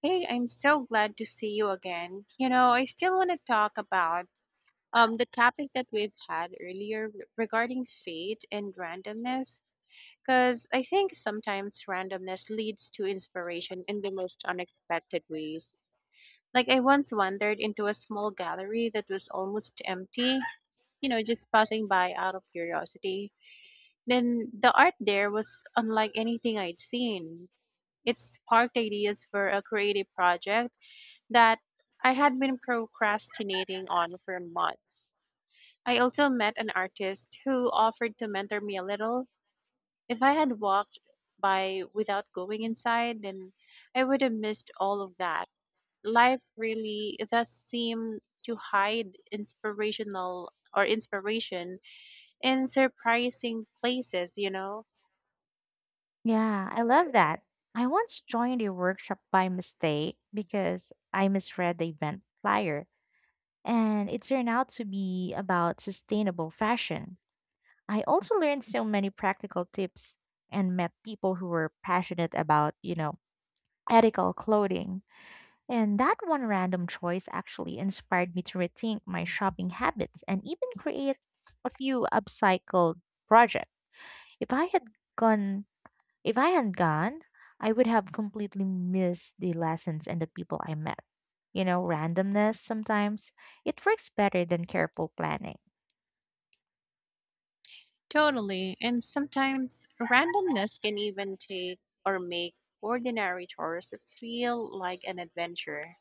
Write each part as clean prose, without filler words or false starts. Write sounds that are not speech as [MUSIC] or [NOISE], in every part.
Hey, I'm so glad to see you again. You know, I still want to talk about the topic that we've had earlier regarding fate and randomness because I think sometimes randomness leads to inspiration in the most unexpected ways. Like I once wandered into a small gallery that was almost empty, you know, just passing by out of curiosity. Then the art there was unlike anything I'd seen. It sparked ideas for a creative project that I had been procrastinating on for months. I also met an artist who offered to mentor me a little. If I had walked by without going inside, then I would have missed all of that. Life really does seem to hide inspirational or inspiration in surprising places, you know? Yeah, I love that. I once joined a workshop by mistake because I misread the event flyer, and it turned out to be about sustainable fashion. I also learned so many practical tips and met people who were passionate about, ethical clothing. And that one random choice actually inspired me to rethink my shopping habits and even create a few upcycled projects. If I had gone if I hadn't gone, I would have completely missed the lessons and the people I met. Randomness sometimes it works better than careful planning. Totally. And sometimes randomness can even take or make ordinary chores feel like an adventure.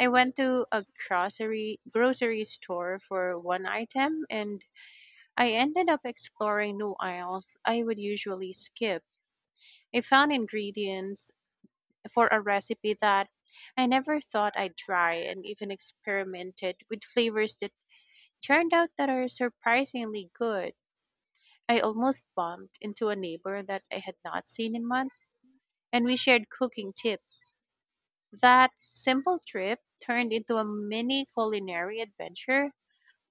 I went to a grocery store for one item, and I ended up exploring new aisles I would usually skip. I found ingredients for a recipe that I never thought I'd try, and even experimented with flavors that turned out that are surprisingly good. I almost bumped into a neighbor that I had not seen in months, and we shared cooking tips. That simple trip turned into a mini culinary adventure,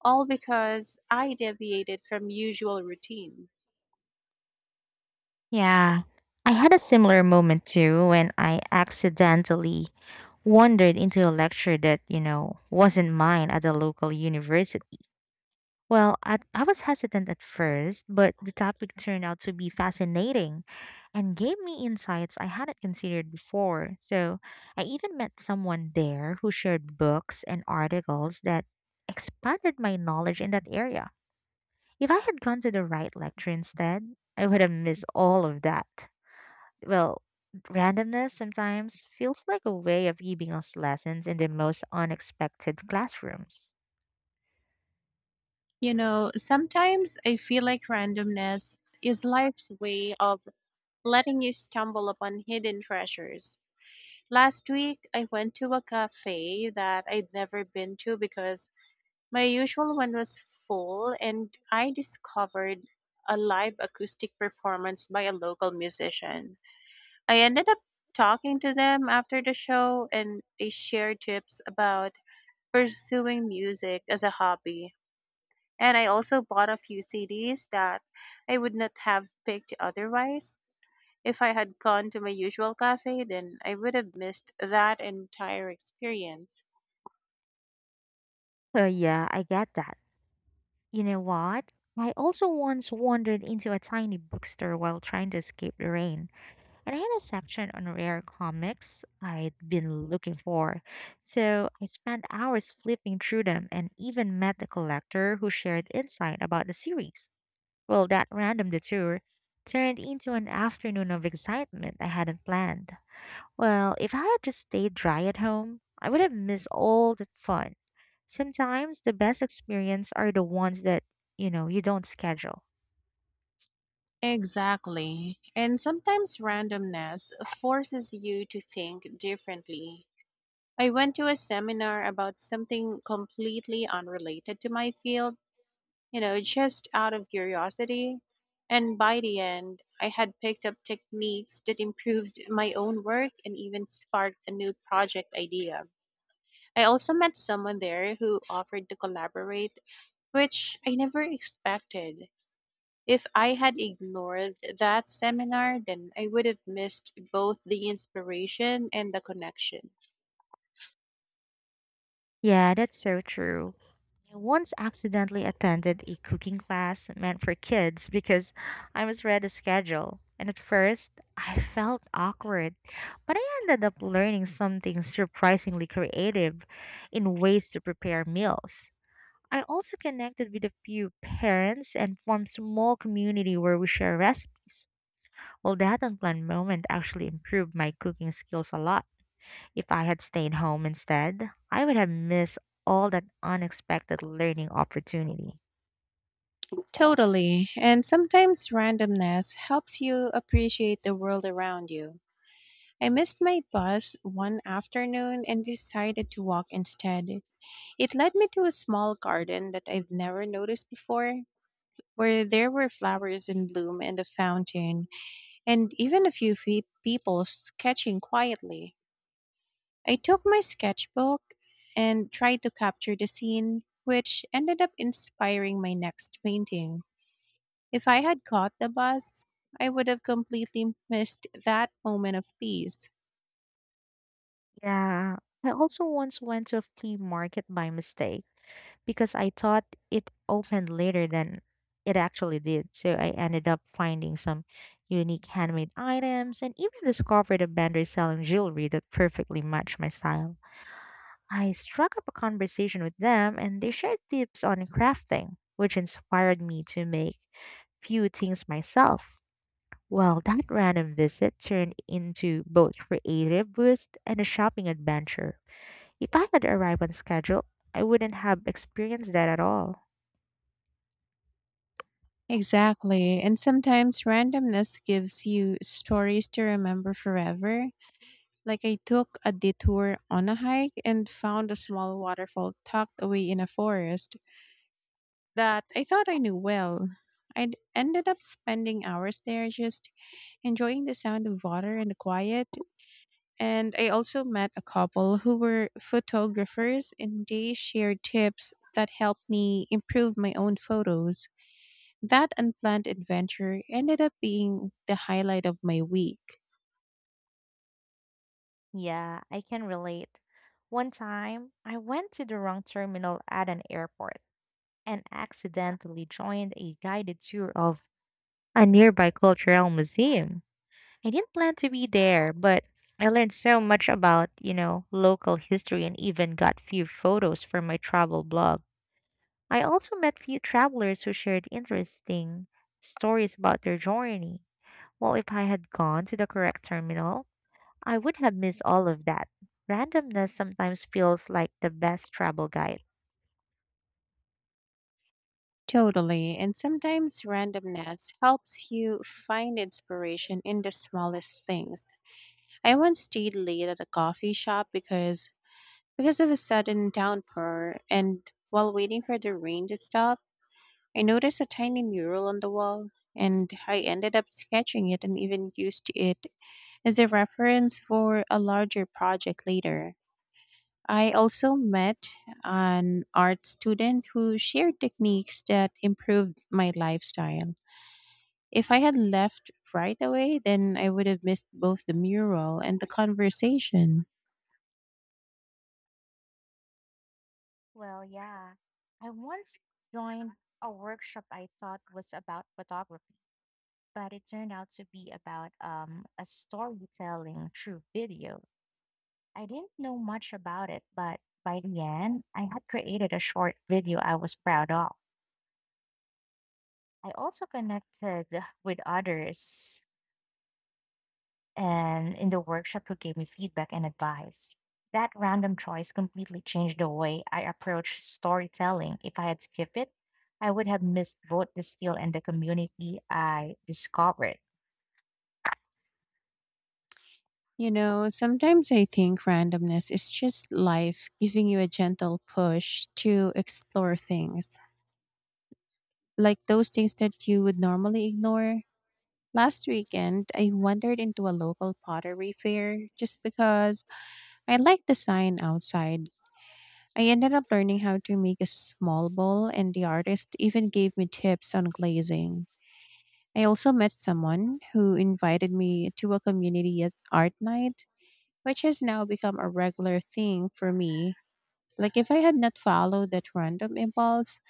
all because I deviated from usual routine. Yeah. I had a similar moment too when I accidentally wandered into a lecture that, wasn't mine at a local university. Well, I was hesitant at first, but the topic turned out to be fascinating and gave me insights I hadn't considered before. So I even met someone there who shared books and articles that expanded my knowledge in that area. If I had gone to the right lecture instead, I would have missed all of that. Well, randomness sometimes feels like a way of giving us lessons in the most unexpected classrooms. You know, sometimes I feel like randomness is life's way of letting you stumble upon hidden treasures. Last week, I went to a cafe that I'd never been to because my usual one was full, and I discovered a live acoustic performance by a local musician. I ended up talking to them after the show, and they shared tips about pursuing music as a hobby. And I also bought a few CDs that I would not have picked otherwise. If I had gone to my usual cafe, then I would have missed that entire experience. So, yeah, I get that. You know what? I also once wandered into a tiny bookstore while trying to escape the rain. And I had a section on rare comics I'd been looking for, so I spent hours flipping through them and even met a collector who shared insight about the series. Well, that random detour turned into an afternoon of excitement I hadn't planned. Well, if I had just stayed dry at home, I would have missed all the fun. Sometimes the best experience are the ones that, you don't schedule. Exactly. And sometimes randomness forces you to think differently. I went to a seminar about something completely unrelated to my field, you know, just out of curiosity. And by the end, I had picked up techniques that improved my own work and even sparked a new project idea. I also met someone there who offered to collaborate, which I never expected. If I had ignored that seminar, then I would have missed both the inspiration and the connection. Yeah, that's so true. I once accidentally attended a cooking class meant for kids because I misread the schedule. And at first, I felt awkward, but I ended up learning something surprisingly creative in ways to prepare meals. I also connected with a few parents and formed small community where we share recipes. Well, that unplanned moment actually improved my cooking skills a lot. If I had stayed home instead, I would have missed all that unexpected learning opportunity. Totally. And sometimes randomness helps you appreciate the world around you. I missed my bus one afternoon and decided to walk instead. It led me to a small garden that I've never noticed before, where there were flowers in bloom and a fountain, and even a few people sketching quietly. I took my sketchbook and tried to capture the scene, which ended up inspiring my next painting. If I had caught the bus, I would have completely missed that moment of peace. Yeah, I also once went to a flea market by mistake because I thought it opened later than it actually did. So I ended up finding some unique handmade items and even discovered a vendor selling jewelry that perfectly matched my style. I struck up a conversation with them and they shared tips on crafting, which inspired me to make few things myself. Well, that random visit turned into both creative boost and a shopping adventure. If I had arrived on schedule, I wouldn't have experienced that at all. Exactly. And sometimes randomness gives you stories to remember forever. Like I took a detour on a hike and found a small waterfall tucked away in a forest that I thought I knew well. I ended up spending hours there just enjoying the sound of water and the quiet. And I also met a couple who were photographers, and they shared tips that helped me improve my own photos. That unplanned adventure ended up being the highlight of my week. Yeah, I can relate. One time, I went to the wrong terminal at an airport and accidentally joined a guided tour of a nearby cultural museum. I didn't plan to be there, but I learned so much about, local history and even got few photos for my travel blog. I also met few travelers who shared interesting stories about their journey. Well, if I had gone to the correct terminal, I would have missed all of that. Randomness sometimes feels like the best travel guide. Totally, and sometimes randomness helps you find inspiration in the smallest things. I once stayed late at a coffee shop because of a sudden downpour, and while waiting for the rain to stop, I noticed a tiny mural on the wall, and I ended up sketching it and even used it as a reference for a larger project later. I also met an art student who shared techniques that improved my lifestyle. If I had left right away, then I would have missed both the mural and the conversation. Well, yeah. I once joined a workshop I thought was about photography, but it turned out to be about a storytelling through video. I didn't know much about it, but by the end, I had created a short video I was proud of. I also connected with others and in the workshop who gave me feedback and advice. That random choice completely changed the way I approach storytelling. If I had skipped it, I would have missed both the skill and the community I discovered. You know, sometimes I think randomness is just life giving you a gentle push to explore things, like those things that you would normally ignore. Last weekend, I wandered into a local pottery fair just because I liked the sign outside. I ended up learning how to make a small bowl, and the artist even gave me tips on glazing. I also met someone who invited me to a community at art night, which has now become a regular thing for me. Like, if I had not followed that random impulse,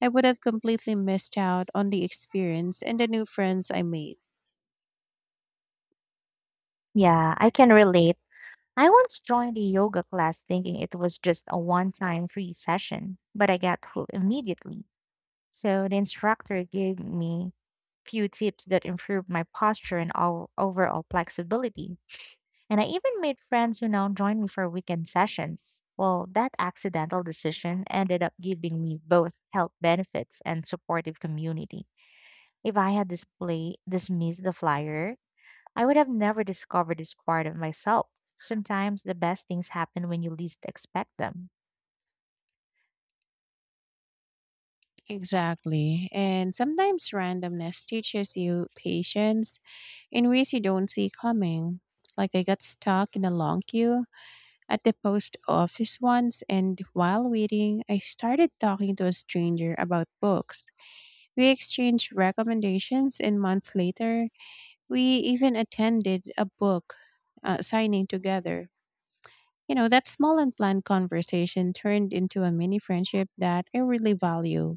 I would have completely missed out on the experience and the new friends I made. Yeah, I can relate. I once joined a yoga class thinking it was just a one time free session, but I got hooked immediately. So the instructor gave me few tips that improved my posture and all overall flexibility. And I even made friends who now join me for weekend sessions. Well, that accidental decision ended up giving me both health benefits and supportive community. If I had display dismissed the flyer, I would have never discovered this part of myself. Sometimes the best things happen when you least expect them. Exactly. And sometimes randomness teaches you patience in ways you don't see coming. Like, I got stuck in a long queue at the post office once, and while waiting, I started talking to a stranger about books. We exchanged recommendations, and months later, we even attended a book signing together. You know, that small unplanned conversation turned into a mini friendship that I really value.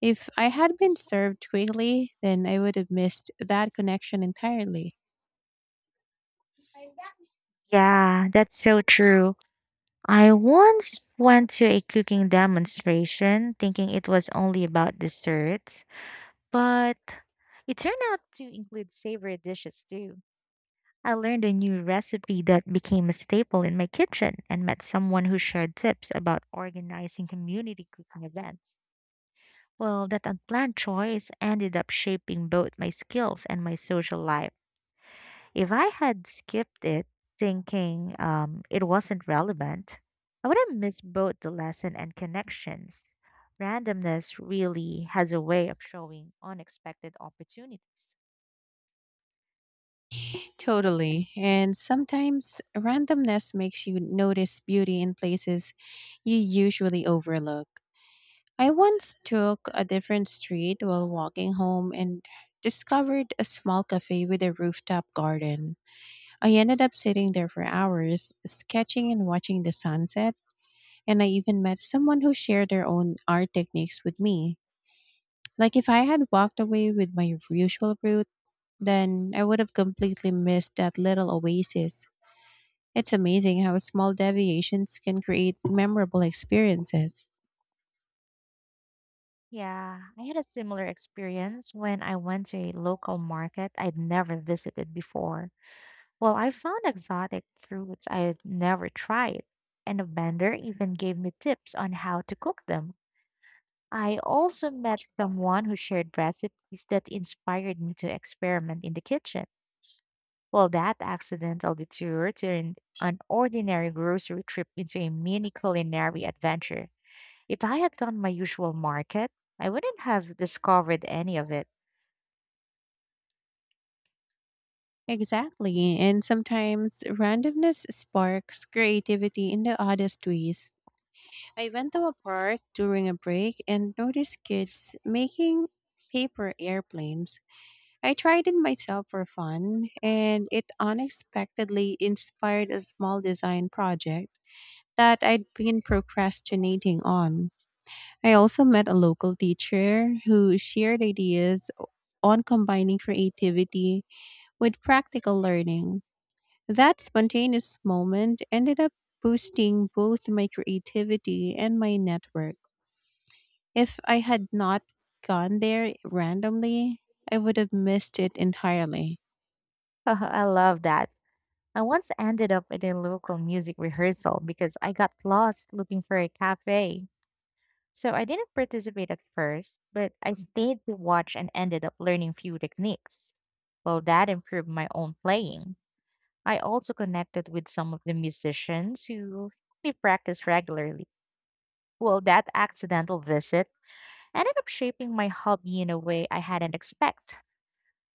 If I had been served quickly, then I would have missed that connection entirely. Yeah, that's so true. I once went to a cooking demonstration thinking it was only about desserts, but it turned out to include savory dishes too. I learned a new recipe that became a staple in my kitchen and met someone who shared tips about organizing community cooking events. Well, that unplanned choice ended up shaping both my skills and my social life. If I had skipped it, thinking it wasn't relevant, I would have missed both the lesson and connections. Randomness really has a way of showing unexpected opportunities. Totally. And sometimes randomness makes you notice beauty in places you usually overlook. I once took a different street while walking home and discovered a small cafe with a rooftop garden. I ended up sitting there for hours, sketching and watching the sunset, and I even met someone who shared their own art techniques with me. Like, if I had walked away with my usual route, then I would have completely missed that little oasis. It's amazing how small deviations can create memorable experiences. Yeah, I had a similar experience when I went to a local market I'd never visited before. Well, I found exotic fruits I'd never tried, and the vendor even gave me tips on how to cook them. I also met someone who shared recipes that inspired me to experiment in the kitchen. Well, that accidental detour turned an ordinary grocery trip into a mini culinary adventure. If I had done my usual market, I wouldn't have discovered any of it. Exactly, and sometimes randomness sparks creativity in the oddest ways. I went to a park during a break and noticed kids making paper airplanes. I tried it myself for fun, and it unexpectedly inspired a small design project that I'd been procrastinating on. I also met a local teacher who shared ideas on combining creativity with practical learning. That spontaneous moment ended up boosting both my creativity and my network. If I had not gone there randomly, I would have missed it entirely. [LAUGHS] I love that. I once ended up at a local music rehearsal because I got lost looking for a cafe. So I didn't participate at first, but I stayed to watch and ended up learning few techniques. Well, that improved my own playing. I also connected with some of the musicians who we practice regularly. Well, that accidental visit ended up shaping my hobby in a way I hadn't expected.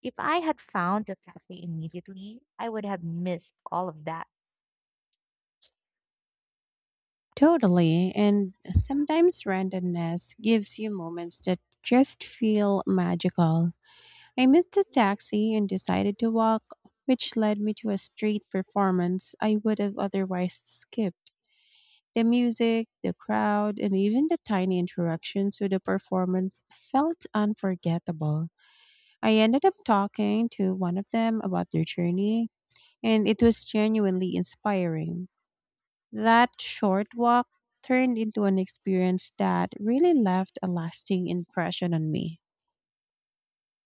If I had found the cafe immediately, I would have missed all of that. Totally. And sometimes randomness gives you moments that just feel magical. I missed the taxi and decided to walk, which led me to a street performance I would have otherwise skipped. The music, the crowd, and even the tiny interactions with the performance felt unforgettable. I ended up talking to one of them about their journey, and it was genuinely inspiring. That short walk turned into an experience that really left a lasting impression on me.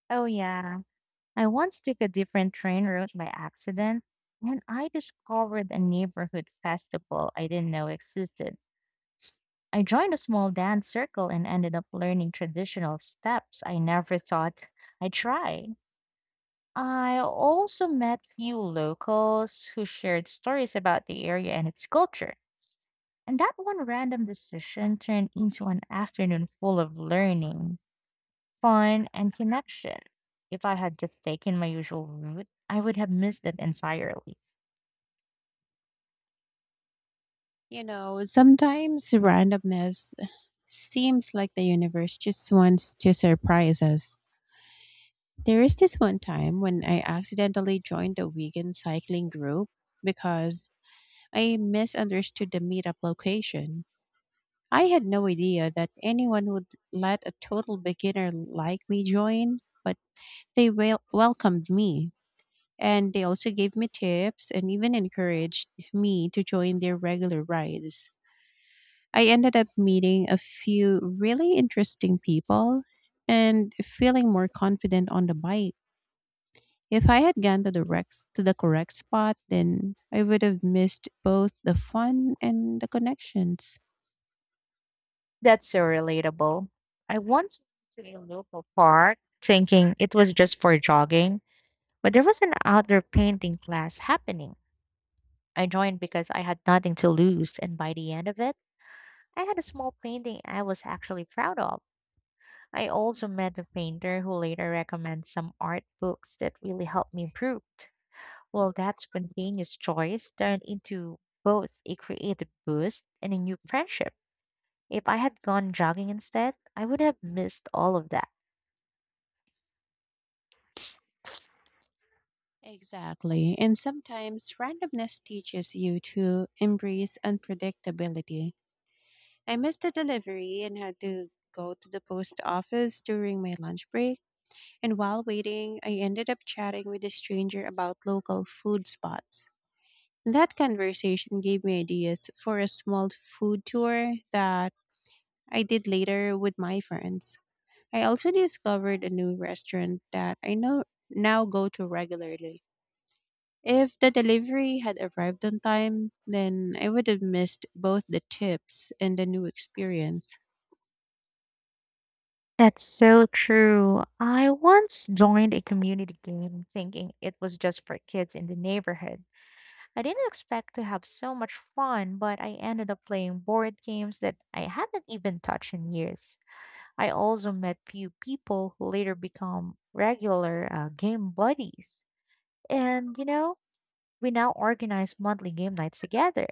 Oh, yeah. I once took a different train route by accident, and I discovered a neighborhood festival I didn't know existed. I joined a small dance circle and ended up learning traditional steps I never thought I'd try. I also met few locals who shared stories about the area and its culture. And that one random decision turned into an afternoon full of learning, fun, and connection. If I had just taken my usual route, I would have missed it entirely. You know, sometimes randomness seems like the universe just wants to surprise us. There is this one time when I accidentally joined a vegan cycling group because I misunderstood the meetup location. I had no idea that anyone would let a total beginner like me join, but they welcomed me, and they also gave me tips and even encouraged me to join their regular rides. I ended up meeting a few really interesting people and feeling more confident on the bike. If I had gone to the correct spot, then I would have missed both the fun and the connections. That's so relatable. I once went to a local park thinking it was just for jogging, but there was an outdoor painting class happening. I joined because I had nothing to lose, and by the end of it, I had a small painting I was actually proud of. I also met a painter who later recommended some art books that really helped me improve. Well, that spontaneous choice turned into both a creative boost and a new friendship. If I had gone jogging instead, I would have missed all of that. Exactly. And sometimes randomness teaches you to embrace unpredictability. I missed the delivery and had to go to the post office during my lunch break. And while waiting, I ended up chatting with a stranger about local food spots. That conversation gave me ideas for a small food tour that I did later with my friends. I also discovered a new restaurant that I know now go to regularly. If the delivery had arrived on time, then I would have missed both the tips and the new experience. That's so true. I once joined a community game thinking it was just for kids in the neighborhood. I didn't expect to have so much fun, but I ended up playing board games that I hadn't even touched in years. I also met few people who later become regular game buddies. And, we now organize monthly game nights together.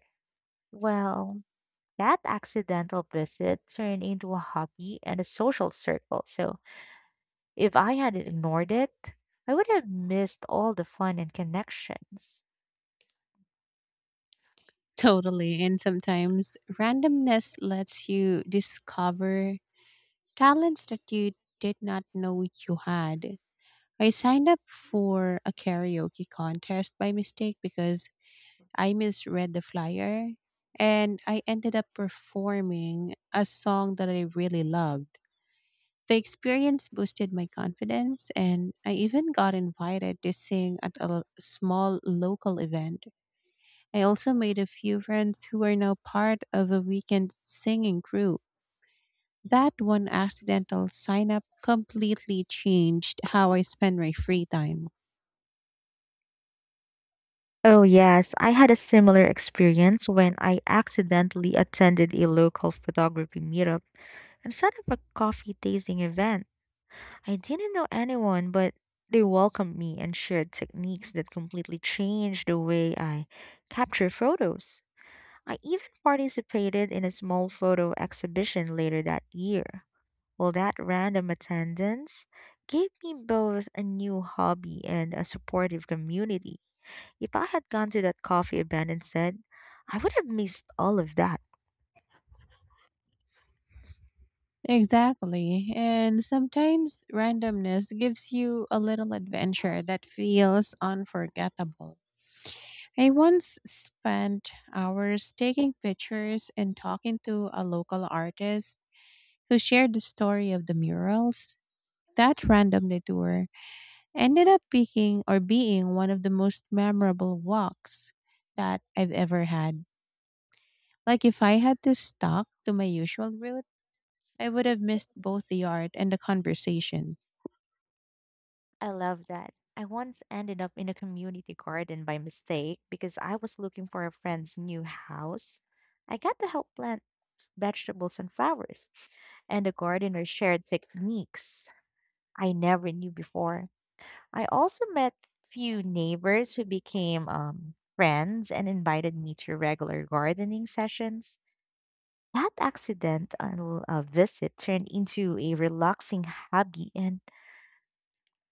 Well, that accidental visit turned into a hobby and a social circle. So if I had ignored it, I would have missed all the fun and connections. Totally. And sometimes randomness lets you discover talents that you did not know you had. I signed up for a karaoke contest by mistake because I misread the flyer, and I ended up performing a song that I really loved. The experience boosted my confidence, and I even got invited to sing at a small local event. I also made a few friends who are now part of a weekend singing group. That one accidental sign up completely changed how I spend my free time. Oh, yes, I had a similar experience when I accidentally attended a local photography meetup instead of a coffee tasting event. I didn't know anyone, but they welcomed me and shared techniques that completely changed the way I capture photos. I even participated in a small photo exhibition later that year. Well, that random attendance gave me both a new hobby and a supportive community. If I had gone to that coffee event instead, I would have missed all of that. Exactly. And sometimes randomness gives you a little adventure that feels unforgettable. I once spent hours taking pictures and talking to a local artist who shared the story of the murals. That random detour ended up being one of the most memorable walks that I've ever had. Like, if I had to stuck to my usual route, I would have missed both the art and the conversation. I love that. I once ended up in a community garden by mistake because I was looking for a friend's new house. I got to help plant vegetables and flowers, and the gardener shared techniques I never knew before. I also met few neighbors who became friends and invited me to regular gardening sessions. That accidental visit turned into a relaxing hobby and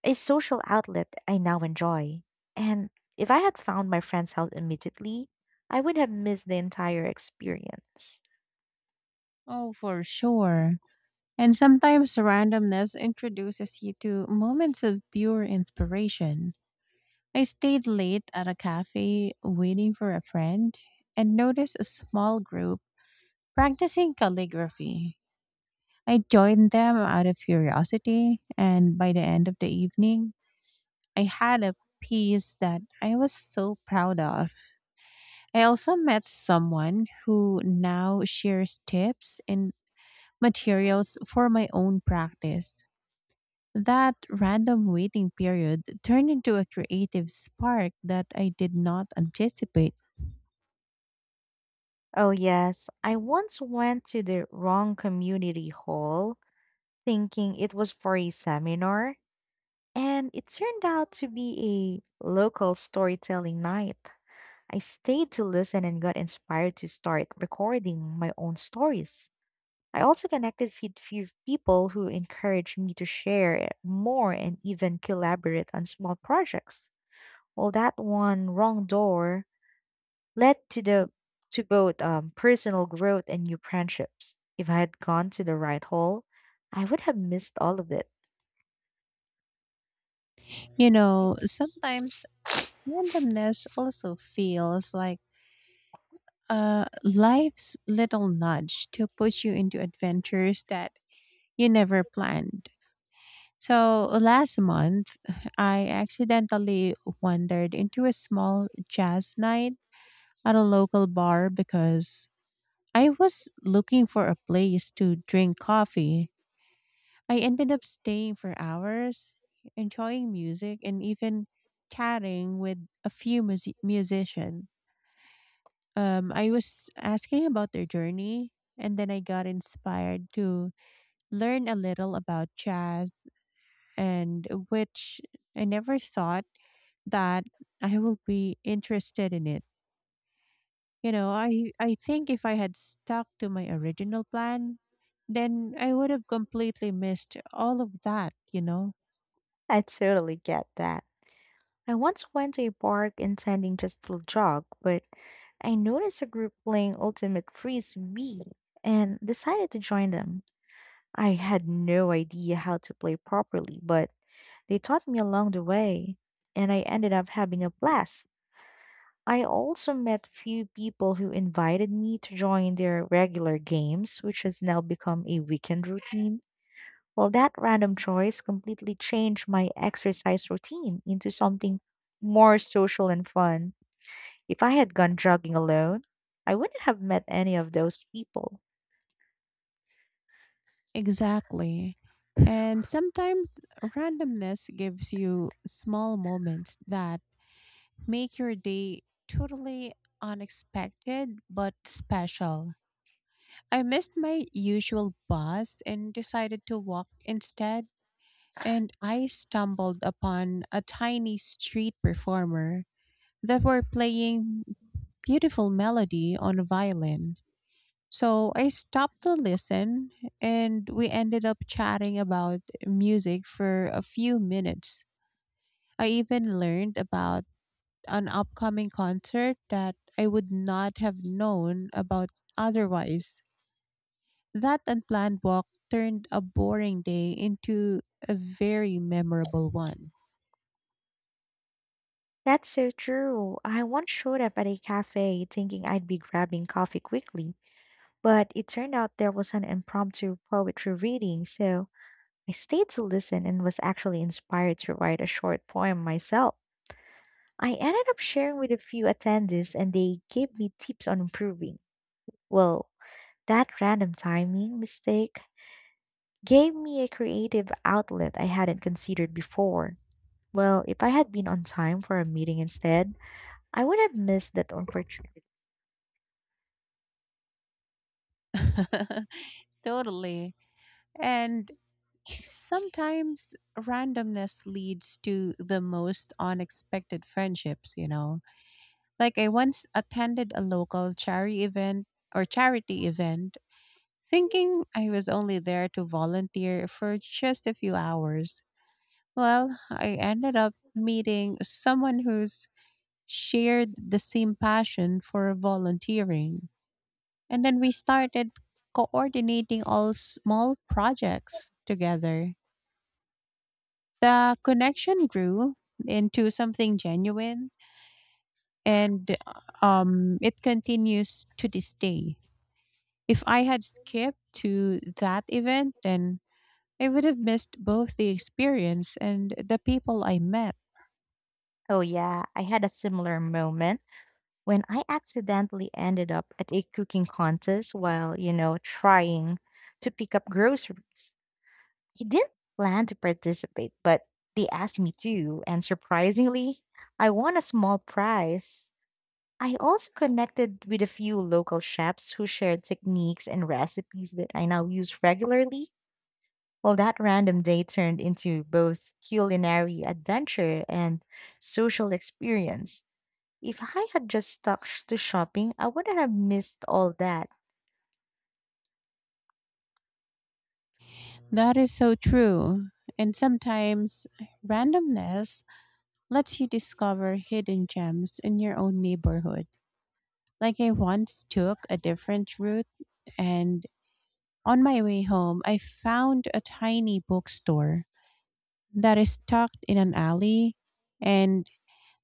a social outlet I now enjoy. And if I had found my friend's house immediately, I would have missed the entire experience. Oh, for sure. And sometimes randomness introduces you to moments of pure inspiration. I stayed late at a cafe waiting for a friend and noticed a small group practicing calligraphy. I joined them out of curiosity, and by the end of the evening, I had a piece that I was so proud of. I also met someone who now shares tips and materials for my own practice. That random waiting period turned into a creative spark that I did not anticipate. Oh, yes, I once went to the wrong community hall thinking it was for a seminar, and it turned out to be a local storytelling night. I stayed to listen and got inspired to start recording my own stories. I also connected with few people who encouraged me to share more and even collaborate on small projects. Well, that one wrong door led to the to both personal growth and new friendships. If I had gone to the right hole, I would have missed all of it. You know, sometimes randomness also feels like life's little nudge to push you into adventures that you never planned. So last month, [LAUGHS] I accidentally wandered into a small jazz night at a local bar because I was looking for a place to drink coffee. I ended up staying for hours, enjoying music, and even chatting with a few musicians. I was asking about their journey, and then I got inspired to learn a little about jazz and which I never thought that I will be interested in it. You know, I think if I had stuck to my original plan, then I would have completely missed all of that, you know? [LAUGHS] I totally get that. I once went to a park intending just to jog, but I noticed a group playing Ultimate Frisbee and decided to join them. I had no idea how to play properly, but they taught me along the way, and I ended up having a blast. I also met few people who invited me to join their regular games, which has now become a weekend routine. Well, that random choice completely changed my exercise routine into something more social and fun. If I had gone jogging alone, I wouldn't have met any of those people. Exactly. And sometimes randomness gives you small moments that make your day totally unexpected but special. I missed my usual bus and decided to walk instead, and I stumbled upon a tiny street performer that were playing beautiful melody on a violin. So I stopped to listen, and we ended up chatting about music for a few minutes. I even learned about an upcoming concert that I would not have known about otherwise. That unplanned walk turned a boring day into a very memorable one. That's so true. I once showed up at a cafe thinking I'd be grabbing coffee quickly, but it turned out there was an impromptu poetry reading, so I stayed to listen and was actually inspired to write a short poem myself. I ended up sharing with a few attendees and they gave me tips on improving. Well, that random timing mistake gave me a creative outlet I hadn't considered before. Well, if I had been on time for a meeting instead, I would have missed that opportunity. [LAUGHS] Totally. And sometimes randomness leads to the most unexpected friendships, you know. Like I once attended a local charity event or charity event thinking I was only there to volunteer for just a few hours. Well, I ended up meeting someone who's shared the same passion for volunteering. And then we started coordinating all small projects together. The connection grew into something genuine, and it continues to this day. If I had skipped to that event, then I would have missed both the experience and the people I met. Oh, yeah. I had a similar moment when I accidentally ended up at a cooking contest while, trying to pick up groceries. I didn't plan to participate, but they asked me to, and surprisingly, I won a small prize. I also connected with a few local chefs who shared techniques and recipes that I now use regularly. Well, that random day turned into both culinary adventure and social experience. If I had just to shopping, I wouldn't have missed all that. That is so true. And sometimes randomness lets you discover hidden gems in your own neighborhood. Like I once took a different route, and on my way home, I found a tiny bookstore that is tucked in an alley and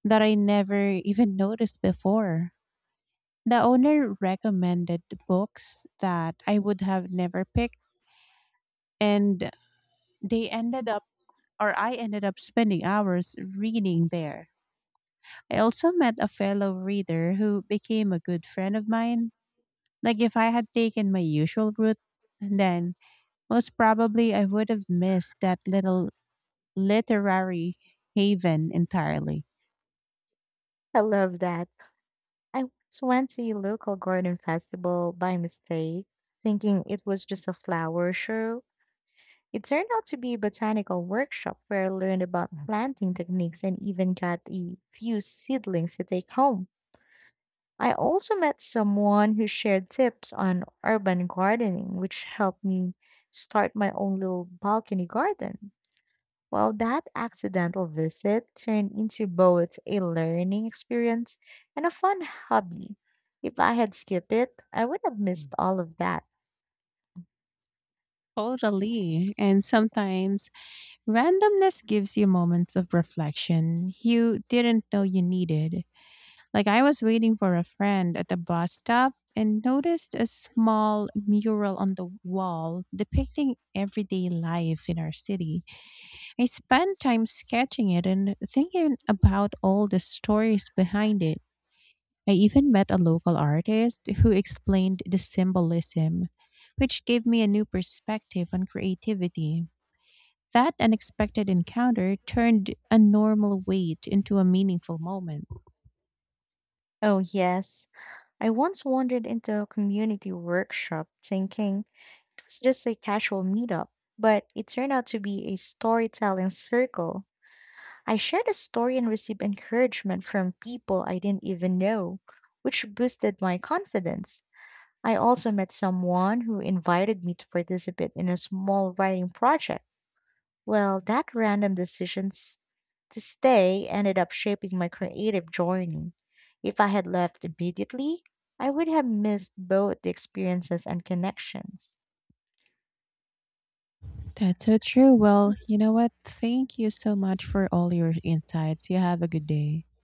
that I never even noticed before. The owner recommended books that I would have never picked, and they ended up, or I ended up spending hours reading there. I also met a fellow reader who became a good friend of mine. Like, if I had taken my usual route, then most probably I would have missed that little literary haven entirely. I love that. I once went to a local garden festival by mistake, thinking it was just a flower show. It turned out to be a botanical workshop where I learned about planting techniques and even got a few seedlings to take home. I also met someone who shared tips on urban gardening, which helped me start my own little balcony garden. Well, that accidental visit turned into both a learning experience and a fun hobby. If I had skipped it, I would have missed all of that. Totally. And sometimes randomness gives you moments of reflection you didn't know you needed. Like I was waiting for a friend at the bus stop and noticed a small mural on the wall depicting everyday life in our city. I spent time sketching it and thinking about all the stories behind it. I even met a local artist who explained the symbolism, which gave me a new perspective on creativity. That unexpected encounter turned a normal wait into a meaningful moment. Oh, yes. I once wandered into a community workshop thinking it was just a casual meetup, but it turned out to be a storytelling circle. I shared a story and received encouragement from people I didn't even know, which boosted my confidence. I also met someone who invited me to participate in a small writing project. Well, that to stay ended up shaping my creative journey. If I had left immediately, I would have missed both the experiences and connections. That's so true. Well, you know what? Thank you so much for all your insights. You have a good day.